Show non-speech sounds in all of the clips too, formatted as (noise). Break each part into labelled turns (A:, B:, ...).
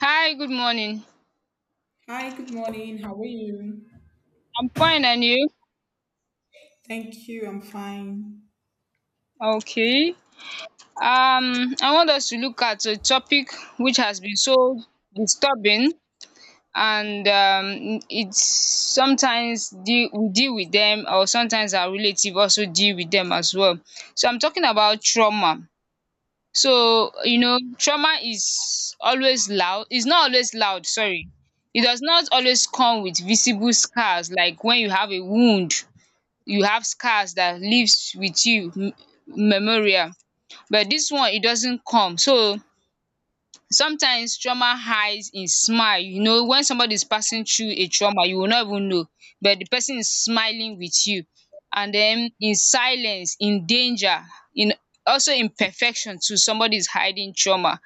A: Hi, good morning.
B: Hi, good morning. How are you?
A: I'm fine and you?
B: Thank you. I'm fine.
A: Okay. I want us to look at a topic which has been so disturbing, and we deal with them, or sometimes our relative also deal with them as well. So I'm talking about trauma. So, trauma is always loud. It's not always loud, sorry. It does not always come with visible scars, like when you have a wound, you have scars that lives with you, memorial. But this one, it doesn't come. So sometimes trauma hides in smile. You know, when somebody is passing through a trauma, you will not even know, but the person is smiling with you. And then in silence, in danger, in also in perfection too, somebody is hiding trauma,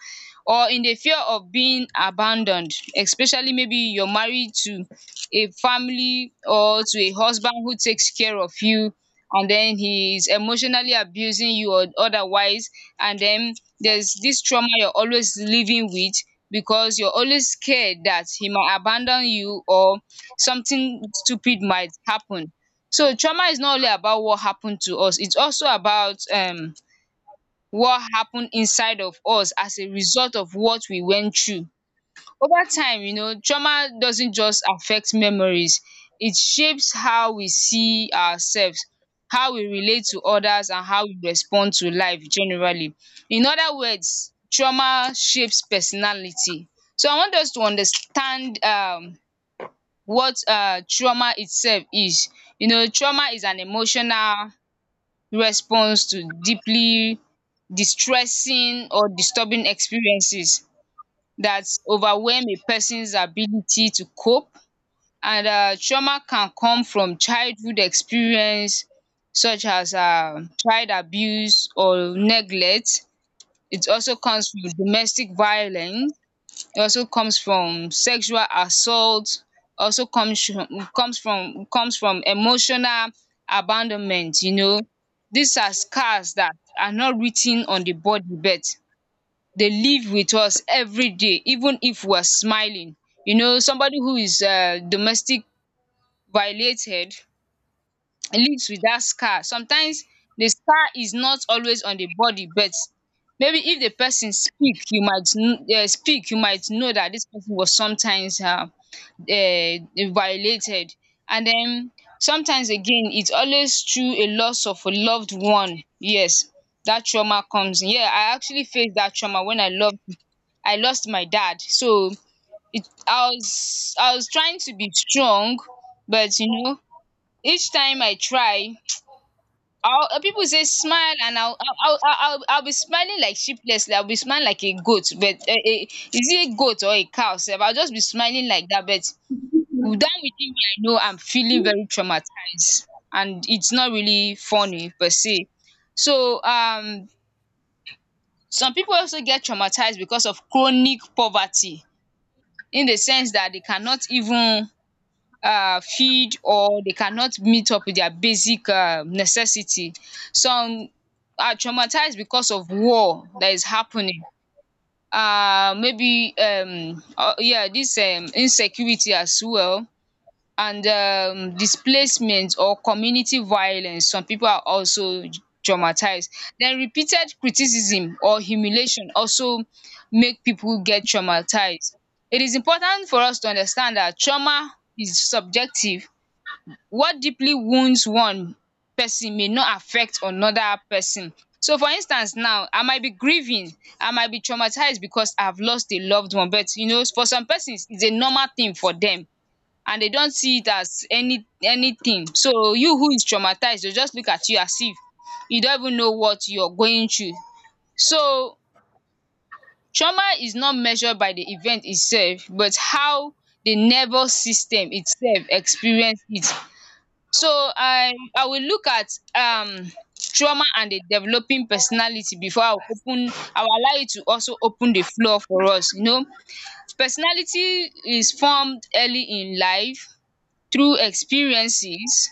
A: or in the fear of being abandoned, especially maybe you're married to a family or to a husband who takes care of you, and then he is emotionally abusing you or otherwise. And then there's this trauma you're always living with, because you're always scared that he might abandon you, or something stupid might happen. So trauma is not only about what happened to us, it's also about what happened inside of us as a result of what we went through. Over time, you know, trauma doesn't just affect memories, it shapes how we see ourselves, how we relate to others, and how we respond to life generally. In other words, trauma shapes personality. So I want us to understand what trauma itself is. You know, trauma is an emotional response to deeply distressing or disturbing experiences that overwhelm a person's ability to cope, and trauma can come from childhood experience, such as child abuse or neglect. It also comes from domestic violence, it also comes from sexual assault, also comes from emotional abandonment. These are scars that are not written on the body, but they live with us every day, even if we're smiling. You know, somebody who is domestic violated lives with that scar. Sometimes the scar is not always on the body, but maybe if the person speak, you might know that this person was sometimes uh, violated. And then sometimes again, it's always through a loss of a loved one. Yes, that trauma comes in. Yeah, I actually faced that trauma when I lost my dad. So it I was trying to be strong, but each time I try, people say smile, and I'll be smiling like sheeplessly. I'll be smiling like a goat, but is it a goat or a cow? Sef? I'll just be smiling like that, but down within me, I know I'm feeling very traumatized, and it's not really funny per se. So some people also get traumatized because of chronic poverty, in the sense that they cannot even feed, or they cannot meet up with their basic necessity. Some are traumatized because of war that is happening, maybe yeah dis insecurity as well, and displacement or community violence. Some pipu are also traumatized. Den repeated criticism or humiliation also make pipu get traumatized. It is important for us to understand dat trauma is subjective. What deeply wounds one pesin may not affect another pesin. So for instance now, I might be grieving, I might be traumatized because I have lost a loved one, but you know, for some pesins it's a normal thing for dem, and they don't see it as anything. So you who is traumatized, they'll just look at you as if you don't even know what you're going through. So trauma is not measured by the event itself, but how the nervous system itself experience it. So I will look at um trauma and the developing personality, before I will allow it to also open the floor for us. You know, personality is formed early in life through experiences,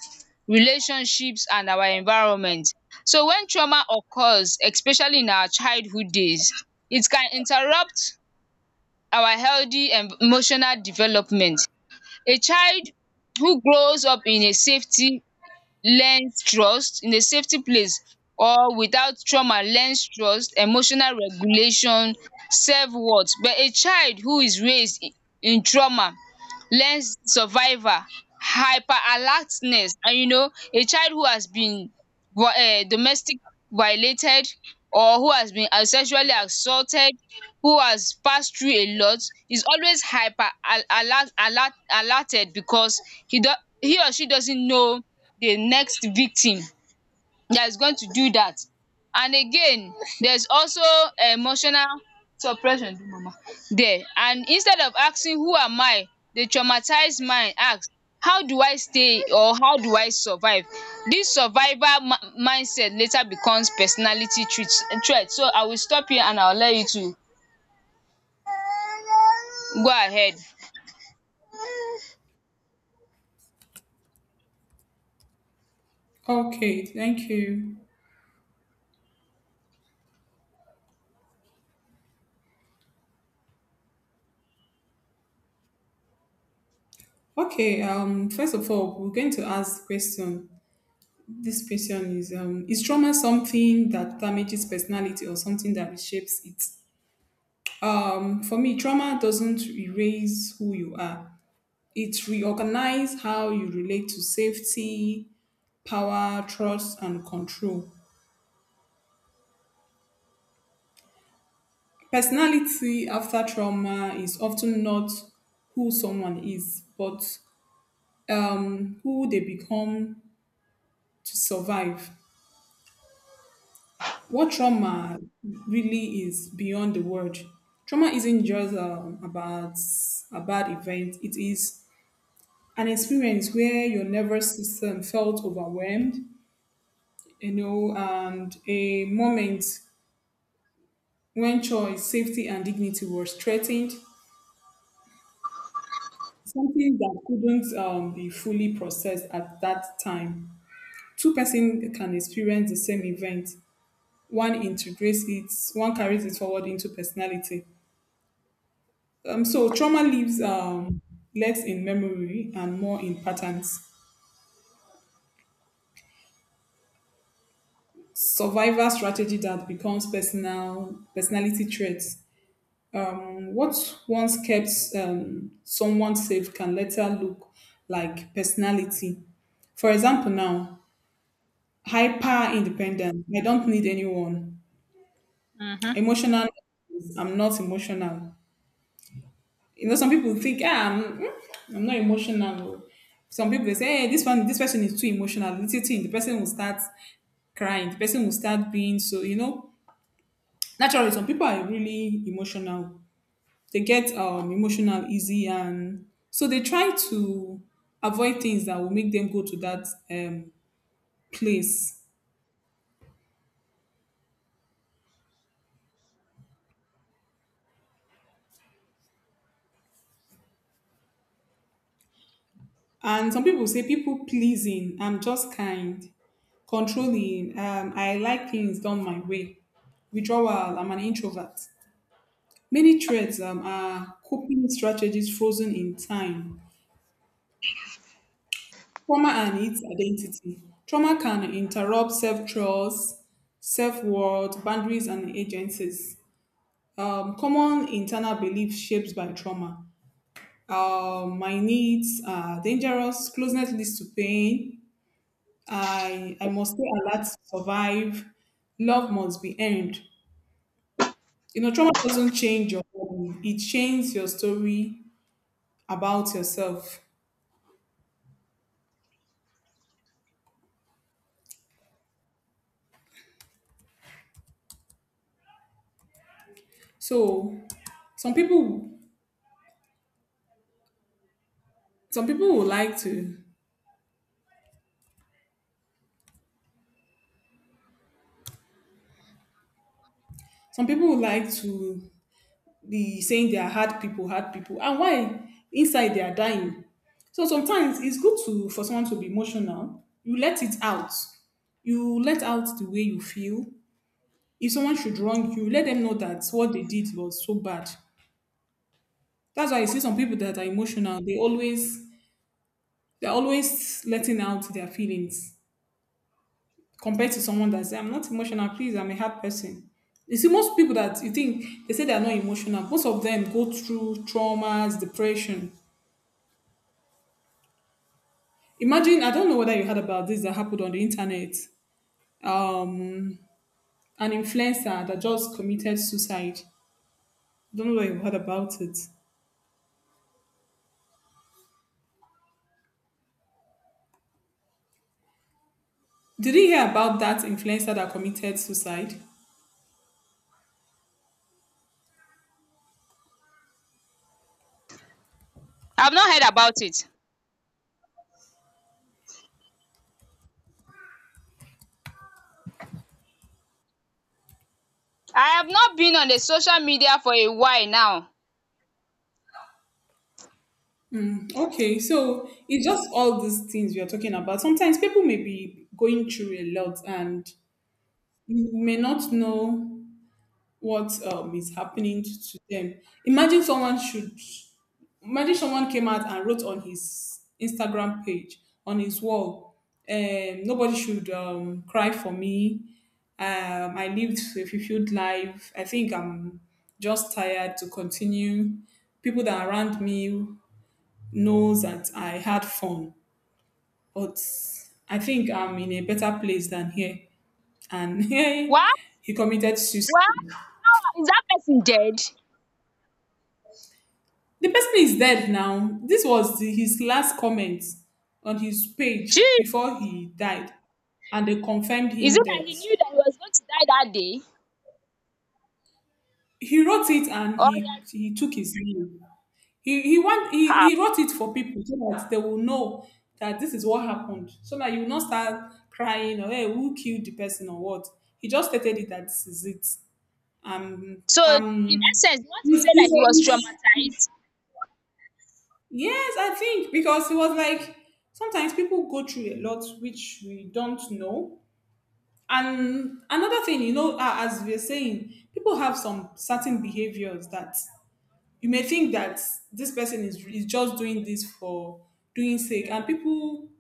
A: relationships, and our environment. So when trauma occurs, especially in our childhood days, it can interrupt our healthy emotional development. A child who grows up in a safety learns trust in a safety place, or without trauma, learns trust, emotional regulation, self-worth. But a child who is raised in trauma learns survival, hyper alertness. And you know, a child who has been domestic violated, or who has been as sexually assaulted, who has passed through a lot, is always hyper al alert alert alerted, because he do he or she doesn't know the next victim that is going to do that. And again, there's also emotional suppression there. And instead of asking who am I, the traumatized mind ask how do I stay, or how do I survive? This survival ma mindset later becomes personality treat threat. So I will stop here and I'll let you to go ahead.
B: Okay, thank you. Okay, first of all, we're going to ask the question. This question is trauma something that damages personality or something that reshapes it? For me, trauma doesn't erase who you are. It reorganizes how you relate to safety, power, trust, and control. Personality after trauma is often not who someone is, but who they become to survive. What trauma really is beyond the word. Trauma isn't just about a bad event, it is an experience where your nervous system felt overwhelmed, you know, and a moment when choice, safety, and dignity was threatened. Something that couldn't be fully processed at that time. Two-person can experience the same event. One integrates it, one carries it forward into personality. So trauma leaves less in memory and more in patterns. Survival strategy that becomes personality traits. What once kept someone safe can later look like personality. For example, now hyper independent. I don't need anyone. Emotional. I'm not emotional. You know, some people think, ah, I'm not emotional. Some people they say, hey, this one, this person is too emotional. Little thing, the person will start crying. The person will start being so. You know, naturally, some people are really emotional. They get emotional easy, and so they try to avoid things that will make them go to that place. And some people say people pleasing, I'm just kind, controlling, I like things done my way, withdrawal, I'm an introvert. Many traits are coping strategies frozen in time. Trauma and its identity. Trauma can interrupt self trust, self worth, boundaries, and agencies. Common internal beliefs shaped by trauma. My needs are dangerous, closeness leads to pain, I must stay alert to survive. Love must be earned. You know, trauma doesn't change your body. It changes your story about yourself. So some people some people would like to some people would like to be saying they are hard people, hard people. And why? Inside they are dying. So sometimes it's good to for someone to be emotional. You let it out. You let out the way you feel. If someone should wrong you, let them know that what they did was so bad. That's why you see some people that are emotional. They're always letting out their feelings compared to someone that say, "I'm not emotional. Please, I'm a hard person." You see, most people that you think they say they are not emotional, most of them go through traumas, depression. Imagine, I don't know whether you heard about this that happened on the internet. Um, an influencer that just committed suicide. I don't know whether you heard about it. Did you hear about that influencer that committed suicide?
A: I've not heard about it. I have not been on the social media for a while now.
B: Okay, so it's just all these things we are talking about. Sometimes people may be going through a lot and you may not know what is happening to them. Imagine someone should, imagine someone came out and wrote on his Instagram page, on his wall, nobody should cry for me. I lived a fulfilled life. I think I'm just tired to continue. People that are around me knows that I had fun, but I think I'm in a better place than here. And
A: What?
B: (laughs) he committed
A: What?
B: suicide.
A: Now is that person dead?
B: The person is dead now. This was the, his last comment on his page before
A: Jeez.
B: he died, and they confirmed
A: Is it
B: him
A: that
B: dead.
A: he knew that he was going to die that day?
B: He wrote it and
A: Or
B: he
A: that
B: he took his leave.
A: how?
B: He wrote it for people so that they will know that this is what happened, so that you will not start crying or hey who killed the person or what. He just stated it that this is it. Um
A: So in
B: um.
A: essence, you want to
B: He's,
A: say that
B: he's,
A: he was
B: he's,
A: traumatized?
B: Yes, I think because it was like sometimes people go through a lot which we don't know. And another thing, you know, as we're saying, people have some certain behaviors that you may think that is just doing this for doing sake. And people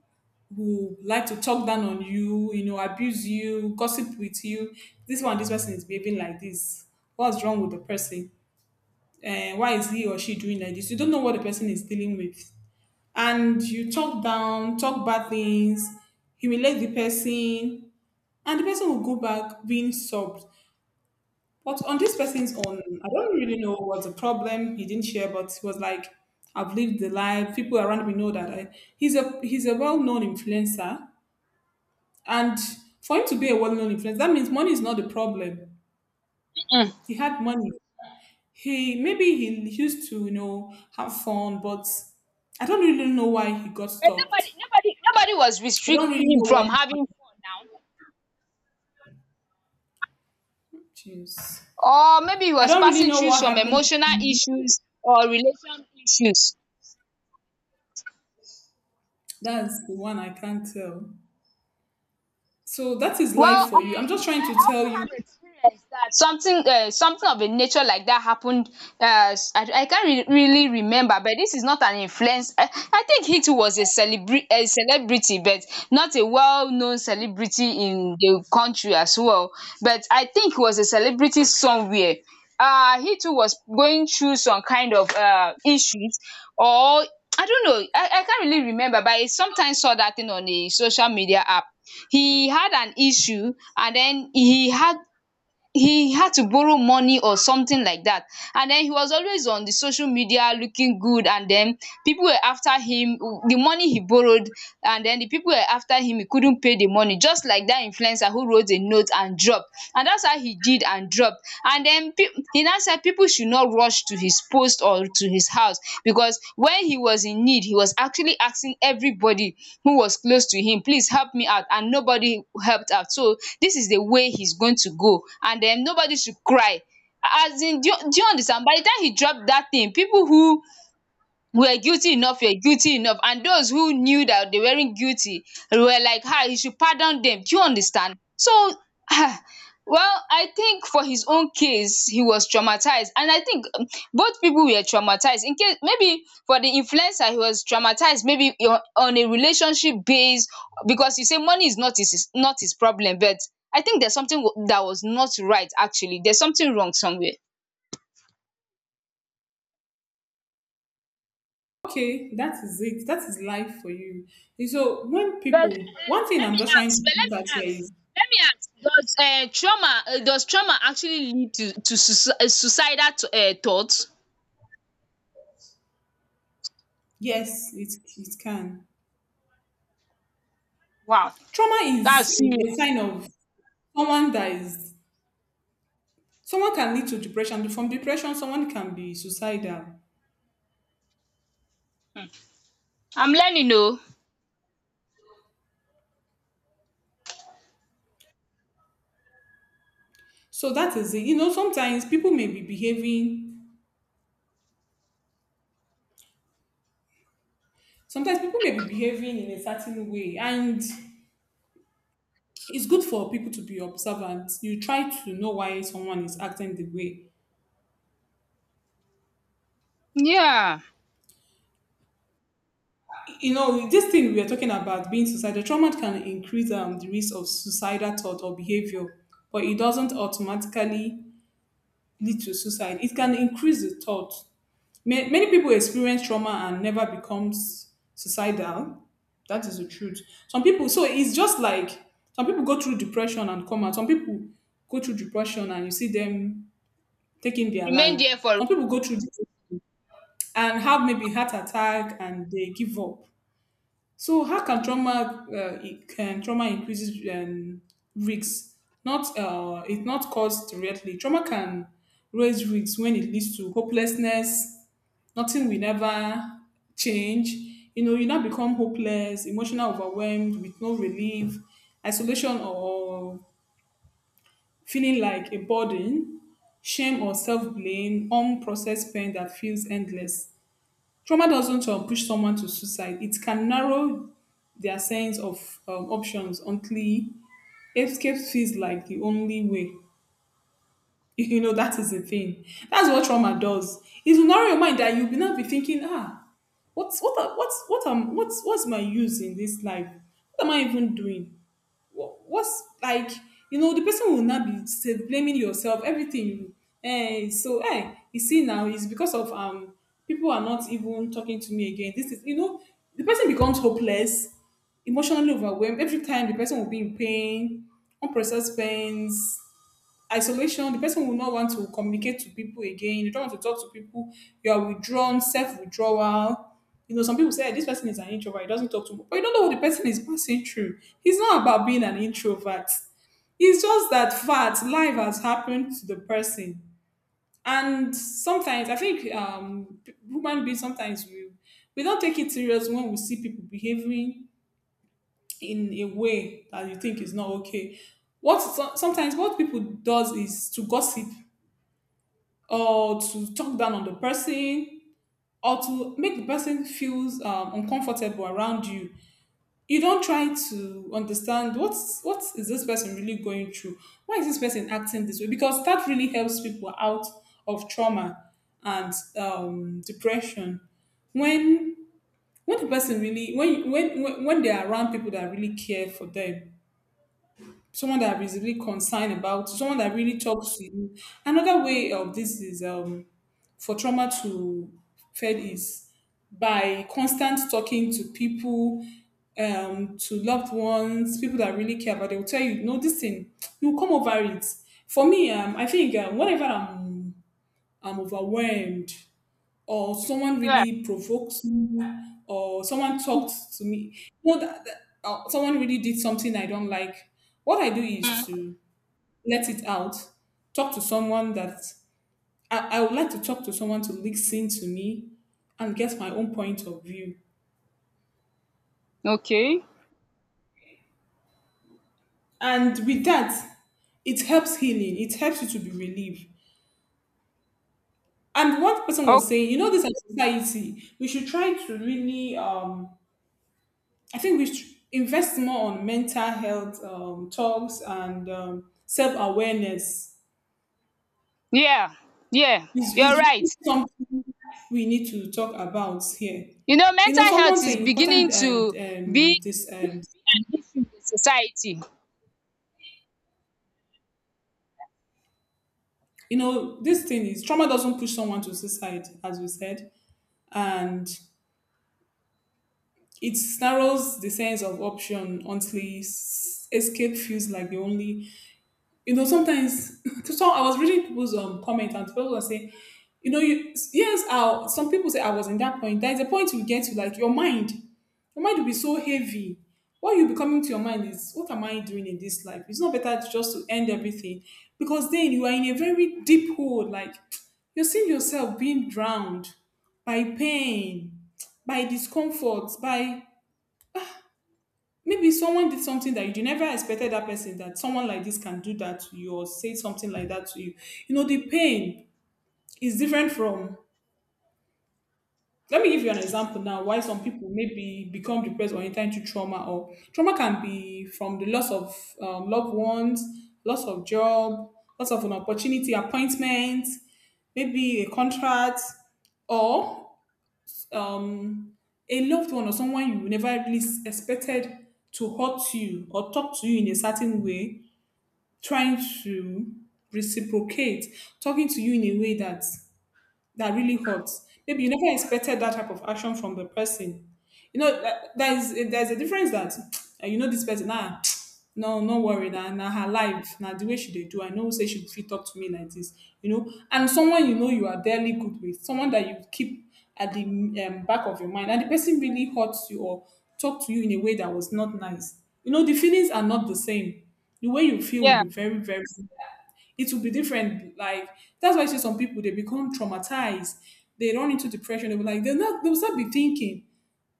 B: who like to talk down on you, you know, abuse you, gossip with you. This one, this person is behaving like this. What's wrong with the person? And why is he or she doing like this? You don't know what the person is dealing with and you talk down, talk bad things, humiliate the person, and the person will go back being sobbed. But on this person's own, I don't really know what's the problem. He didn't share, but he was like, I've lived the life. People around me know that I, he's a well-known influencer. And for him to be a well-known influencer, that means money is not the problem.
A: Mm.
B: He had money. He used to, you know, have fun, but I don't really know why he got
A: But
B: stopped.
A: nobody, nobody, nobody was
B: I don't really
A: restricting him
B: know
A: from
B: what.
A: having fun now.
B: Jeez.
A: Or maybe he
B: I
A: was
B: don't really
A: passing
B: know
A: through
B: what
A: some
B: happened.
A: emotional issues or relation issues.
B: That's the one I can't tell. So that is life
A: Well,
B: for you. I'm
A: I
B: just trying to tell you,
A: something something of a nature like that happened. I can't really remember, but this is not an influence. I think he too was a celebrity, but not a well-known celebrity in the country as well. But I think he was a celebrity somewhere. He too was going through some kind of issues, or I don't know. I can't really remember, but I sometimes saw that thing on a social media app. He had an issue, and then he had to borrow money or something like that. And then he was always on the social media looking good, and then people were after him, the money he borrowed. And then the people were after him, he couldn't pay the money, just like that influencer who wrote a note and dropped. And that's how he did and dropped job. And den he now said, "People should not rush to his post or to his house, because when he was in need he was actually asking everybody who was close to him, please help me out, and nobody helped out. So this is the way he's going to go, and then nobody should cry." As in, do you understand? By the time he dropped that thing, people who were guilty enough were guilty enough, and those who knew that they weren't guilty were like, ah, you should pardon them. Do you understand? So, ah, well, I think for his own case he was traumatized. And I think both people were traumatized, in case maybe for the influencer he was traumatized maybe on a relationship base, because he say money is not his, is not his problem. But I think there's something that was not right. Actually, there's something wrong somewhere.
B: okay, that is it. That is life for you. And so when
A: But
B: people, one thing
A: let
B: I'm
A: me
B: just trying to
A: ask, but let
B: put
A: me
B: out here
A: ask,
B: is,
A: let me ask. Does trauma actually lead to suicidal thoughts?
B: yes, it can.
A: Wow,
B: Trauma is
A: that's serious.
B: a sign of someone that is, someone can lead to depression. From depression, someone can be suicidal.
A: I'm learning, oh.
B: So that is it. You know, sometimes people may be behaving in a certain way and it's good for people to be observant. You try to know why someone is acting the way.
A: Yeah.
B: You know, this thing we are talking about being suicidal, trauma can increase the risk of suicidal thought or behavior, but it doesn't automatically lead to suicide. It can increase the thought. Many people experience trauma and never becomes suicidal. That is the truth. Some people, so it's just like some people go through depression and come out. Some people go through depression and you see them taking their
A: Remain
B: life.
A: there for.
B: Some people go through and have maybe heart attack and they give up. So how can trauma it can trauma increases risks? Not it's not caused directly. Trauma can raise risks when it leads to hopelessness. Nothing will never change. You know, you now become hopeless, emotional overwhelmed with no relief, isolation or feeling like a burden, shame or self blame, unprocessed pain that feels endless. Trauma doesn't push someone to suicide. It can narrow their sense of options until escape feels like the only way. You know, that is the thing. That's what trauma does. It will narrow your mind that you'll be not be thinking, ah, what's what are- what's what am what's my use in this life, what am I even doing? What's like, you know, the person will not be self blaming yourself everything. Eh, so eh, you see now, it's because of people are not even talking to me again, this is, you know, the person becomes hopeless, emotionally overwhelmed. Every time the person will be in pain, unprocessed pains, isolation. The person will not want to communicate to people again, they don't want to talk to people. You are withdrawn, self-withdrawal. You know, some people say, "Eh, this person is an introvert, he doesn't talk to me," but you don't know what the person is passing through. It's not about being an introvert, it's just that fact life has happened to the person. And sometimes I think human beings, sometimes we don't take it serious when we see people behaving in a way that you think is not okay. What sometimes what people does is to gossip, or to talk down on the person, or to make the person feels uncomfortable around you. You don't try to understand what's what is this person really going through, why is this person acting this way, because that really helps people out of trauma and depression. when when the person really when they are around people that really care for them, someone that is really concerned, about someone that really talks to you. Another way of this is for trauma to fade is by constant talking to people, to loved ones, people that really care about. They will tell you, no, this thing, you come over it. For me, I think whenever I'm overwhelmed or someone
A: Yeah.
B: really provokes me or someone talks to me, no, that, that- someone really did something I don't like. What I do is
A: Mm.
B: to let it out, talk to someone that I would like to talk to someone to listen to me and get my own point of view.
A: Okay.
B: And with that, it helps healing, it helps you to be relieved. And one person
A: Oh,
B: was saying, this as society, we should try to really, I think we should invest more on mental health talks and self awareness.
A: yeah, yeah.
B: Is
A: You're
B: is
A: right.
B: really something we need to talk about here.
A: You know,
B: You know,
A: mental
B: someone
A: health is
B: saying
A: beginning
B: important um,
A: to
B: um,
A: be
B: this um,
A: an issue in society.
B: you know, this thing is trauma doesn't push someone to suicide, as we said, and it narrows the sense of option until escape feels like the only, sometimes. (laughs) So I was reading people's comment and people were saying, you yes, I some people say I was in that point. There is a point you get to like your mind will be so heavy. What you be coming to your mind is, what am I doing in this life? It's not better just to end everything because then you are in a very deep hole. Like (tsk) you're seeing yourself being drowned by pain, by discomfort, by maybe someone did something that you never expected that person, that someone like this can do that to you or say something like that to you. You know, the pain is different from, let me give you an example now. Why some people maybe become depressed or enter into trauma, or trauma can be from the loss of loved ones, loss of job, loss of an opportunity appointment, maybe a contract, or um, a loved one or someone you never least expected to hurt you or talk to you in a certain way, trying to reciprocate, talking to you in a way that really hurts. Maybe you never expected that type of action from the person. You know, that, that is there's a difference that (tsk) you know this person. Ah, (tsk) no, no worry. Now, nah, nah, her life, now nah, the way she they do, I know say she fit talk to me like this. You know, and someone you know you are dearly good with, someone that you keep at the back of your mind, and the person really hurts you or talk to you in a way that was not nice. You know, the feelings are not the same, the way you feel will
A: Yeah.
B: be very very, it will be different. Like, that's why I see some people they become traumatized, they run into depression, they'll be like they're not, they'll start be thinking,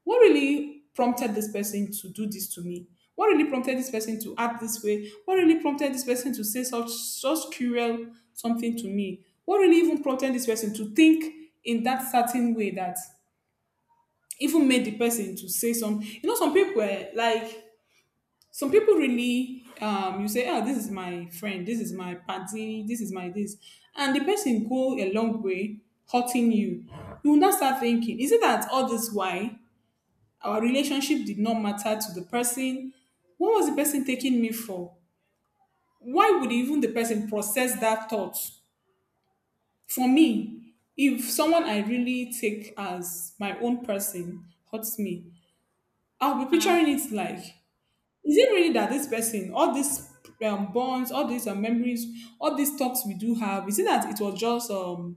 B: what really prompted this person to do this to me? What really prompted this person to act this way? What really prompted this person to say such cruel something to me? What really even prompted this person to think in that certain way, that even made the person to say some, some people, like some people really, you say, ah, this is my friend, this is my party, this is my this, and the person go a long way hurting you. You will now start thinking, is it that all this? Why our relationship did not matter to the person? What was the person taking me for? Why would even the person process that thought? For me, if someone I really take as my own person hurts me, I'll be picturing
A: Mm.
B: it like, is it really that this person, all these bonds, all these memories, all these talks we do have, is it that it was just,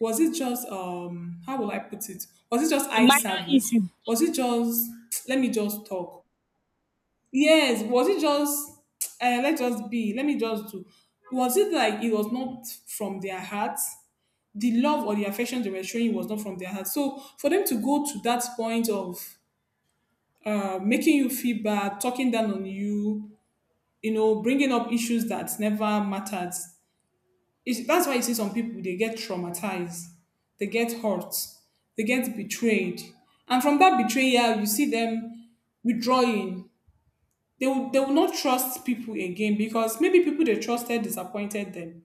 B: was it just how will I put it, was it just
A: A
B: eye
A: minor
B: service?
A: issue.
B: Was it just, (tsk) let me just talk, yes, was it just, (tsk) let's just be, let me just do, was it like it was not from their heart? The love or the affection they were showing was not from their heart. So for them to go to that point of, making you feel bad, talking down on you, you know, bringing up issues that never mattered. That's why you see some people, they get traumatized, they get hurt, they get betrayed. And from that betrayal, you see them withdrawing. They will not trust people again because maybe people they trusted disappointed them.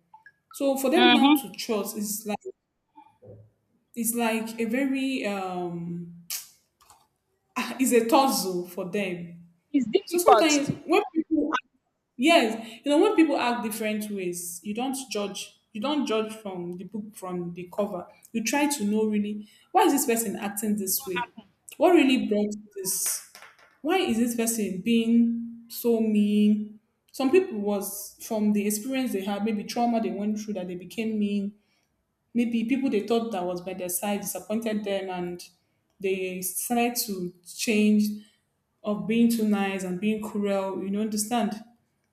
B: So for them now
A: Mm-hmm.
B: to trust is like, it's like a very (laughs) is a tussle for them.
A: It's
B: So
A: difficult.
B: sometimes when people. Yes, you know, when people act different ways, you don't judge. You don't judge from the book, from the cover. You try to know really, why is this person acting this way? What really brought this? Why is this person being so mean? Some people was from the experience they had, maybe trauma they went through, that they became mean. Maybe people they thought that was by their side disappointed them, and they started to change of being too nice and being cruel. You know, understand?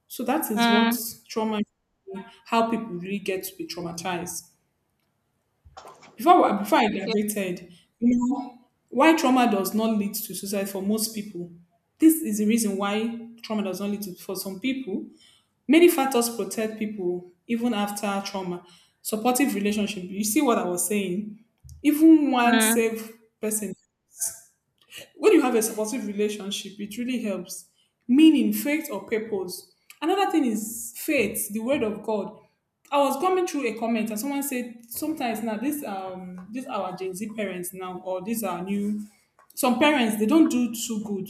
B: So that is what
A: Mm.
B: trauma, how people really get to be traumatized. Before I
A: Okay.
B: graduated, you know, why trauma does not lead to suicide for most people. This is the reason why trauma does not lead to for some people. Many factors protect people even after trauma. Supportive relationship. You see what I was saying? Even one
A: Mm.
B: safe person, when you have a supportive relationship, it really helps. Meaning, faith or purpose. Another thing is faith, the word of God. I was coming through a comment and someone said sometimes now, this these are our Gen Z parents now, or these are new, some parents they don't do too good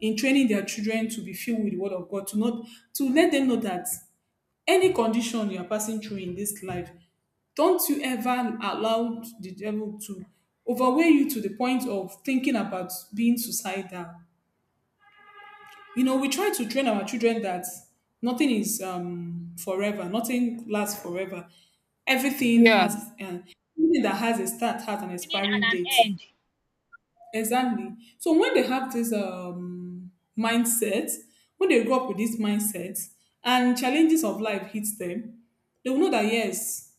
B: in training their children to be filled with the word of God, to not to let them know that any condition you are passing through in this life, don't you ever allow the devil to overweigh you to the point of thinking about being suicidal. You know, we try to train our children that nothing is forever, nothing lasts forever. Everything
A: Yeah.
B: has an everything that has a start has an expiring date. Exactly. So when they have this mindset, when they grow up with this mindset and challenges of life hits them, they will know that, yes,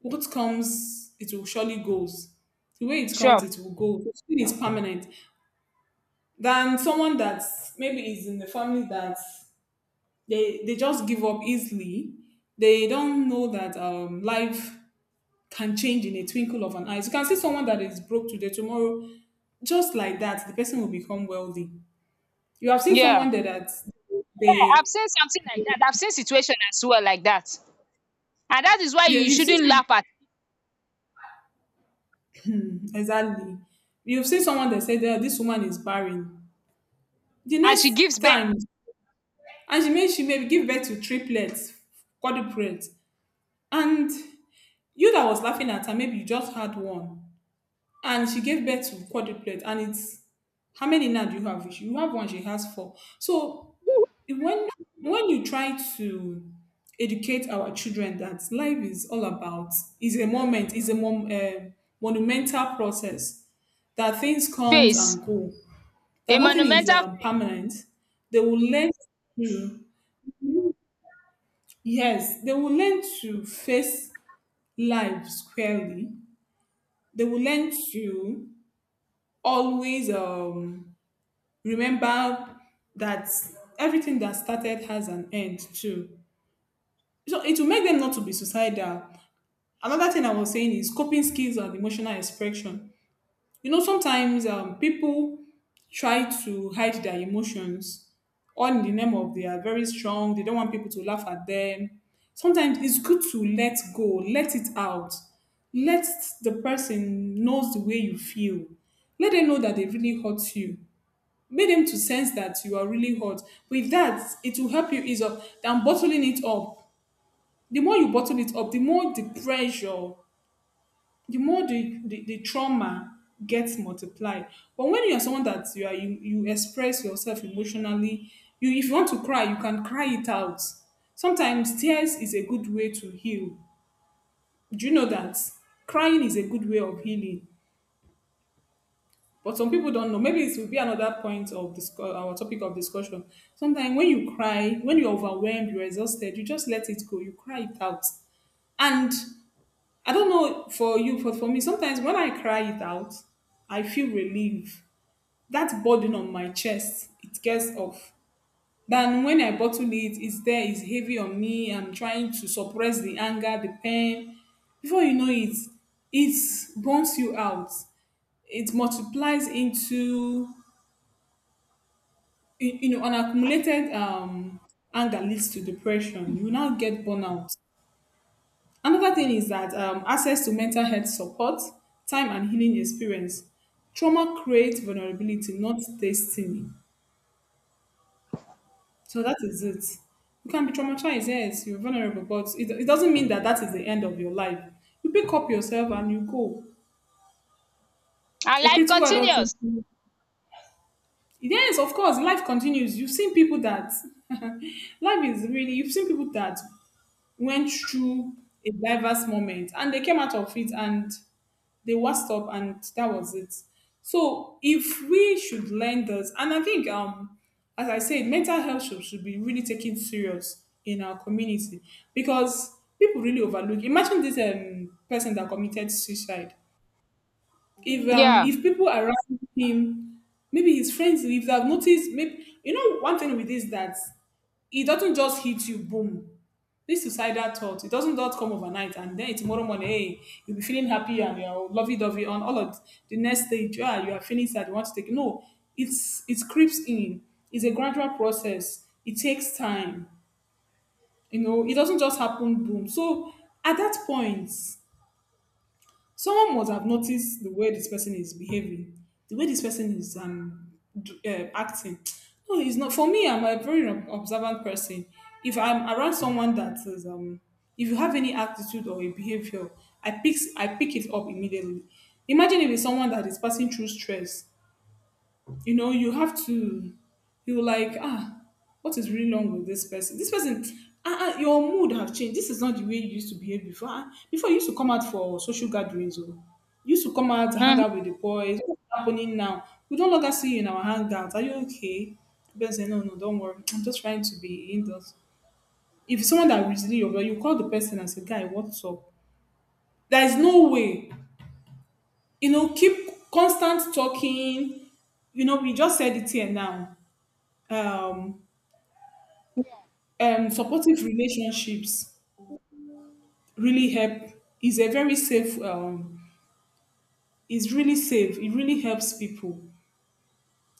B: what comes, it will surely goes. The way it comes,
A: Sure.
B: it will go. It is permanent. Than someone that maybe is in the family that they just give up easily. They don't know that life can change in a twinkle of an eye. You can see someone that is broke today, tomorrow, just like that, the person will become wealthy. You have seen
A: Yeah.
B: someone there that
A: Yeah, I've
B: they
A: seen something like that. I've seen situation as well like that. And that is why
B: you
A: you
B: you've
A: shouldn't
B: seen,
A: laugh at,
B: exactly. You've seen someone that said that this woman is barren. The
A: and
B: next
A: she gives birth
B: time. And she maybe give birth to triplets, quadruplets. And you that was laughing at her, maybe you just had one. And she gave birth to quadruplets. And it's, how many now do you have? You have one, she has four. So when when you try to educate our children that life is all about, is a moment, is a mom, eh, monumental process, that things comes
A: face.
B: and go, that
A: A
B: nothing is
A: monumental face.
B: permanent. They will learn, yes, they will learn to face life squarely, they will learn to always remember that everything that started has an end too. So it will make them not to be suicidal. Another thing I was saying is coping skills and emotional expression. You know, sometimes people try to hide their emotions, all in the name of they are very strong, they don't want people to laugh at them. Sometimes it's good to let go, let it out. Let the person knows the way you feel. Let them know that they really hurt you. Make them to sense that you are really hurt. With that, it will help you ease up than bottling it up. The more you bottle it up, the more the pressure, the more the trauma gets multiplied. But when you're someone that you express yourself emotionally, you if you want to cry, you can cry it out. Sometimes tears is a good way to heal. Do you know that crying is a good way of healing? But some people don't know. Maybe it will be another point of this, our topic of discussion. Sometimes when you cry, when you're overwhelmed, you're exhausted, you just let it go. You cry it out. And I don't know for you, but for me, sometimes when I cry it out, I feel relief. That burden on my chest, it gets off. Than when I bottle it, it's there, it's heavy on me. I'm trying to suppress the anger, the pain. Before you know it, it burns you out. It multiplies into, you know, an accumulated anger leads to depression. You now get burnout. Another thing is that access to mental health support, time, and healing experience. Trauma creates vulnerability, not destiny. So that is it. You can be traumatized, yes, you're vulnerable, but it doesn't mean that that is the end of your life. You pick up yourself and you go.
A: And
B: A
A: life
B: critical adult.
A: continues.
B: Yes, of course, life continues. You've seen people that (laughs) life is really, you've seen people that went through a diverse moment and they came out of it and they washed up and that was it. So if we should learn this, and I think as I said, mental health should be really taken serious in our community because people really overlook. Imagine this person that committed suicide. If um
A: Yeah.
B: if people around him, maybe his friends, if they have noticed, maybe you know one thing with this that it doesn't just hit you boom, this suicidal thought, it doesn't just come overnight, and then tomorrow morning, hey, you'll be feeling happy and you're lovey-dovey on all of the next stage, ah, you are feeling sad, you want to take, no, it creeps in. It's a gradual process, it takes time, you know, it doesn't just happen boom. So at that point someone must have noticed the way this person is behaving, the way this person is acting. No, it's not for me. I'm a very observant person. If I'm around someone that is, if you have any attitude or a behavior, I pick it up immediately. Imagine if it's someone that is passing through stress, you know, you have to, you're like, ah, what is really wrong with this person? This person, ah, ah, your mood have changed. This is not the way you used to behave before. Ah, before you used to come out for social gatherings, oh, you used to come out hang
A: Mm-hmm.
B: out with the boys. What's happening now? We don't longer see you in our hangouts. Are you okay? The person say, no, no, don't worry. I'm just trying to be indoors. If it's someone that really over, you call the person and say, guy, what's up? There is no way, you know, keep constant talking. You know, we just said it here now, um, and supportive relationships really help, is a very safe, is really safe, it really helps people,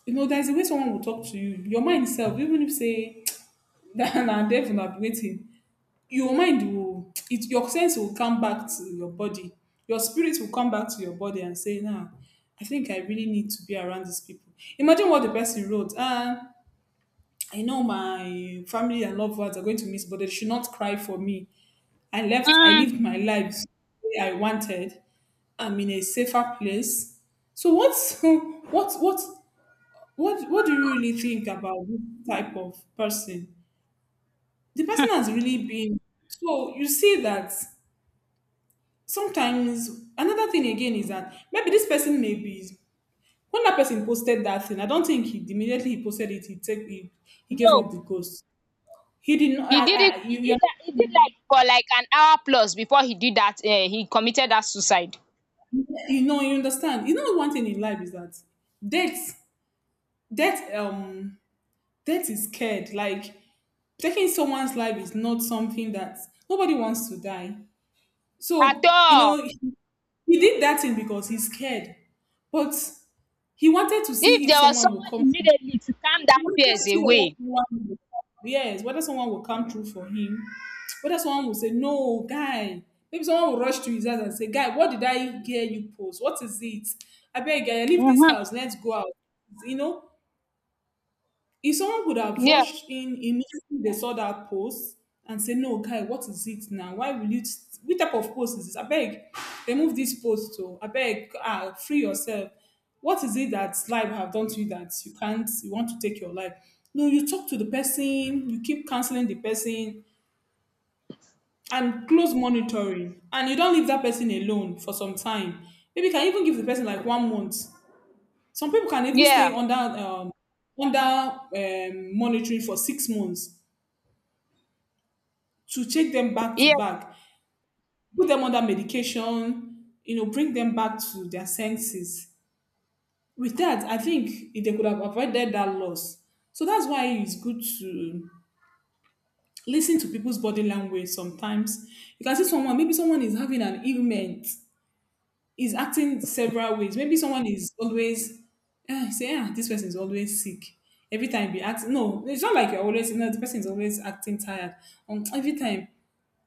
B: you know, there's a way someone will talk to you, your mind self, even if say (laughs) (tsk) that na devil na be waiting, your sense will come back to your body, your spirit will come back to your body and say, nah, I think I really need to be around these people. Imagine what the person wrote, ah, I know my family and loved ones are going to miss, but they should not cry for me. I left, I
A: Mm-hmm.
B: lived my life the way I wanted. I'm in a safer place. So what's (laughs) what do you really think about this type of person? The person has really been, so you see that sometimes another thing again is that maybe this person may be, when that person posted that thing, I don't think he immediately he posted it, he gave up
A: No.
B: the ghost. He did not,
A: He did it he did that he did like for like an hour plus before he did that, he committed that suicide.
B: you know, you understand. You know one thing in life is that death death, death is scared. Like, taking someone's life is not something that, nobody wants to die.
A: At
B: So, you
A: all.
B: know, he did that thing because he's scared. But he wanted to
A: If
B: see if
A: there was
B: someone will
A: someone
B: come through.
A: immediately to calm
B: He
A: that
B: wanted
A: fears
B: to see whether
A: away.
B: someone will come. Yes, whether someone will come through for him. Whether someone will say, no, guy. Maybe someone will rush to his house and say, guy, what did I hear you post? What is it? I beg, guy, leave this
A: Mm-hmm.
B: house. Let's go out. You know, if someone would have
A: Yeah.
B: rushed in immediately they saw that post and say, no, guy, what is it now? Why will you, what type of post is this? I beg, remove this post to, I beg, ah, free yourself. What is it that life have done to you that you can't, you want to take your life? No, you talk to the person, you keep counseling the person, and close monitoring, and you don't leave that person alone for some time. Maybe you can even give the person like 1 month. Some people can even stay
A: Yeah.
B: under monitoring for 6 months to check them back to
A: Yeah.
B: back, put them under medication, you know, bring them back to their senses. With that, I think if they could have avoided that loss. So that's why it's good to listen to people's body language sometimes. You can see someone, maybe someone is having an ailment, is acting several ways. Maybe someone is always, ah, say, ah, this person is always sick. Every time be acting. No, it's not like you're always, you know, the person is always acting tired. Every time,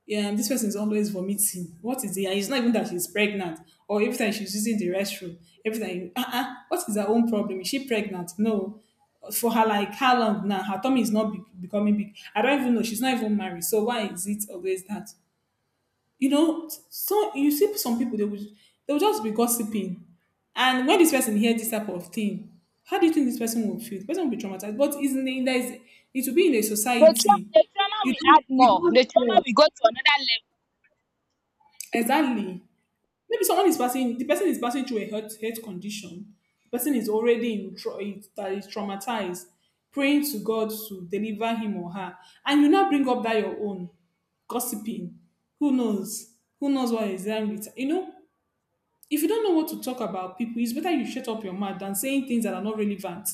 B: yeah, this person is always vomiting. What is it? And it's not even that she's pregnant. Or every time she's using the restroom. Every time, ah, uh-uh, what is her own problem? Is she pregnant? No. For her, like, how long now? Her tummy is not becoming big. I don't even know. She's not even married. So why is it always that? You know, so you see some people, they will, they will just be gossiping. And when this person hears this type of thing, how do you think this person will feel? The person will be traumatized. But is in there is, it will be in a
A: The, tra-
B: society.
A: the trauma
B: You
A: will
B: don't
A: add
B: you
A: more.
B: don't
A: The trauma
B: know.
A: will go to another level.
B: Exactly. Maybe someone is passing, the person is passing through a health condition. The person is already in that is traumatized, praying to God to deliver him or her. And you now bring up that your own gossiping. Who knows? Who knows what is wrong with, you know? If you don't know what to talk about people, it's better you shut up your mouth than saying things that are not relevant.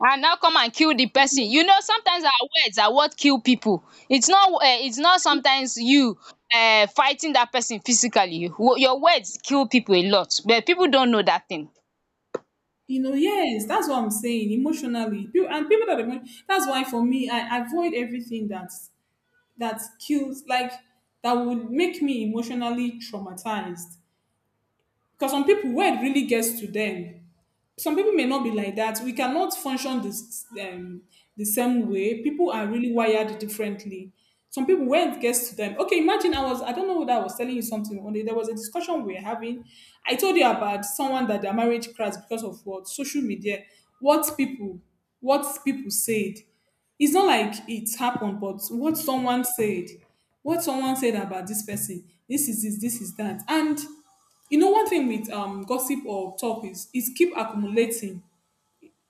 A: And now come and kill the person. You know, sometimes our words are what kill people. It's not sometimes you fighting that person physically. Your words kill people a lot, but people don't know that thing.
B: You know, yes, that's what I'm saying. Emotionally, people, and people that are that's why for me, I avoid everything that, that kills, like, that would make me emotionally traumatized. Because some people, word really gets to them. Some people may not be like that. We cannot function this the same way. People are really wired differently. Some people, when it gets to them, okay, imagine I was, I don't know whether I was telling you something one day. There was a discussion we were having. I told you about someone that their marriage crashed because of what social media, what people, what people said, it's not like it happened, but what someone said about this person, this is this, this is that. And you know, one thing with gossip or talk is it's keep accumulating.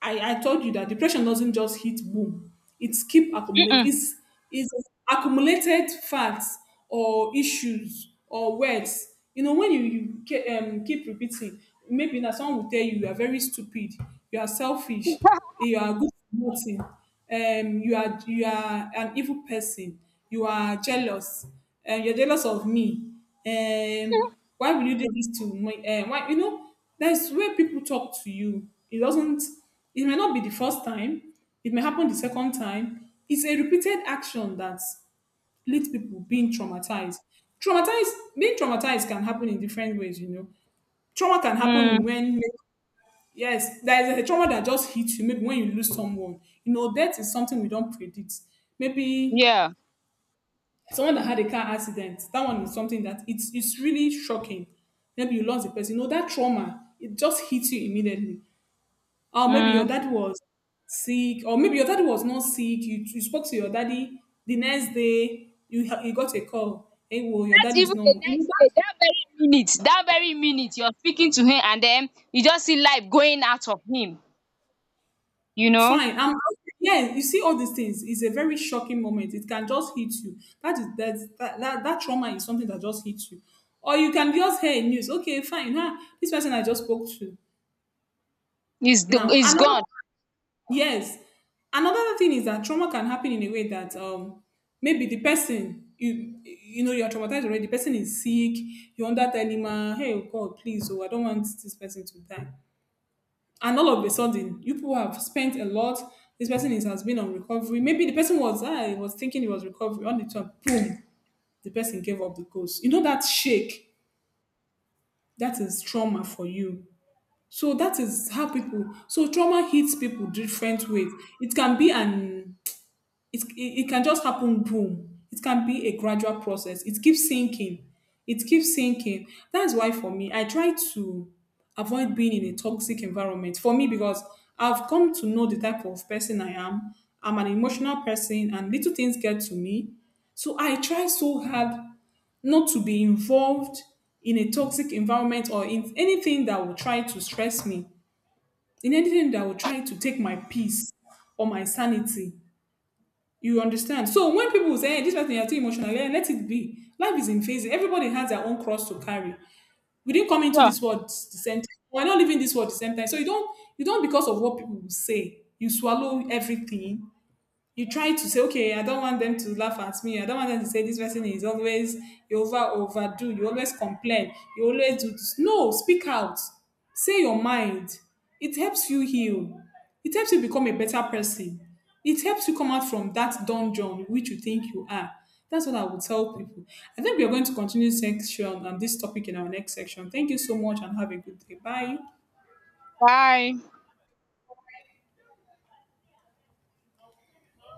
B: I told you that depression doesn't just hit boom. It's keep accumulating.
A: um
B: It's accumulated facts or issues or words. You know, when you keep repeating, maybe now someone will tell you, you are very stupid, you are selfish, you are good for nothing, you are, you are an evil person, you are jealous, you're jealous of me, um why will you do this to me, why, you know, that's where people talk to you, it doesn't, it may not be the first time, it may happen the second time, it's a repeated action that leads people being traumatized. Traumatized, being traumatized can happen in different ways, you know. Trauma can happen
A: um
B: when, yes, there is a trauma that just hits you maybe when you lose someone. You know, death is something we don't predict. Maybe
A: yeah,
B: someone that had a car accident, that one is something that, it's really shocking. Maybe you lost a person. You know, that trauma, it just hits you immediately. Or maybe your
A: um
B: dad was sick, or maybe your daddy was not sick. You spoke to your daddy, the next day, you got a call. Hey, well, your
A: that
B: daddy is
A: even the
B: normal. You know,
A: next day, that very minute you're speaking to him, and then you just see life going out of him, you know.
B: fine, I'm yeah, you see all these things, it's a very shocking moment, it can just hit you, that is that trauma is something that just hits you. Or you can just hear news, okay fine, huh, this person I just spoke to,
A: It's the-
B: now
A: it's
B: another,
A: gone.
B: yes, another thing is that trauma can happen in a way that maybe the person, you know, you're traumatized already, the person is sick, you're under that animal, hey, oh God, please, oh, I don't want this person to die. And all of a sudden, you people have spent a lot, this person is, has been on recovery, maybe the person was, I was thinking it was recovery on the top, boom, the person gave up the ghost, you know that shake, that is trauma for you. So that is how people, so trauma hits people different ways. it can be an it can just happen boom, it can be a gradual process, it keeps sinking, it keeps sinking. That's why for me, I try to avoid being in a toxic environment, for me, because I've come to know the type of person I am. I'm an emotional person and little things get to me. So I try so hard not to be involved in a toxic environment, or in anything that will try to stress me, in anything that will try to take my peace or my sanity. You understand? So when people say, hey, this person is too emotional, eh, let it be. Life is in phases. Everybody has their own cross to carry. We didn't come into
A: Sure.
B: this world the same time. We're not living this world the same time. So you don't, you don't, because of what people will say, you swallow everything, you try to say, okay, I don't want them to laugh at me, I don't want them to say this person is always, you overdo, you always complain, you always do this. No, speak out. Say your mind. It helps you heal. It helps you become a better person. It helps you come out from that dungeon which you think you are. That's what I would tell people. I think we are going to continue section on this topic in our next section. Thank you so much and have a good day. Bye.
A: Bye.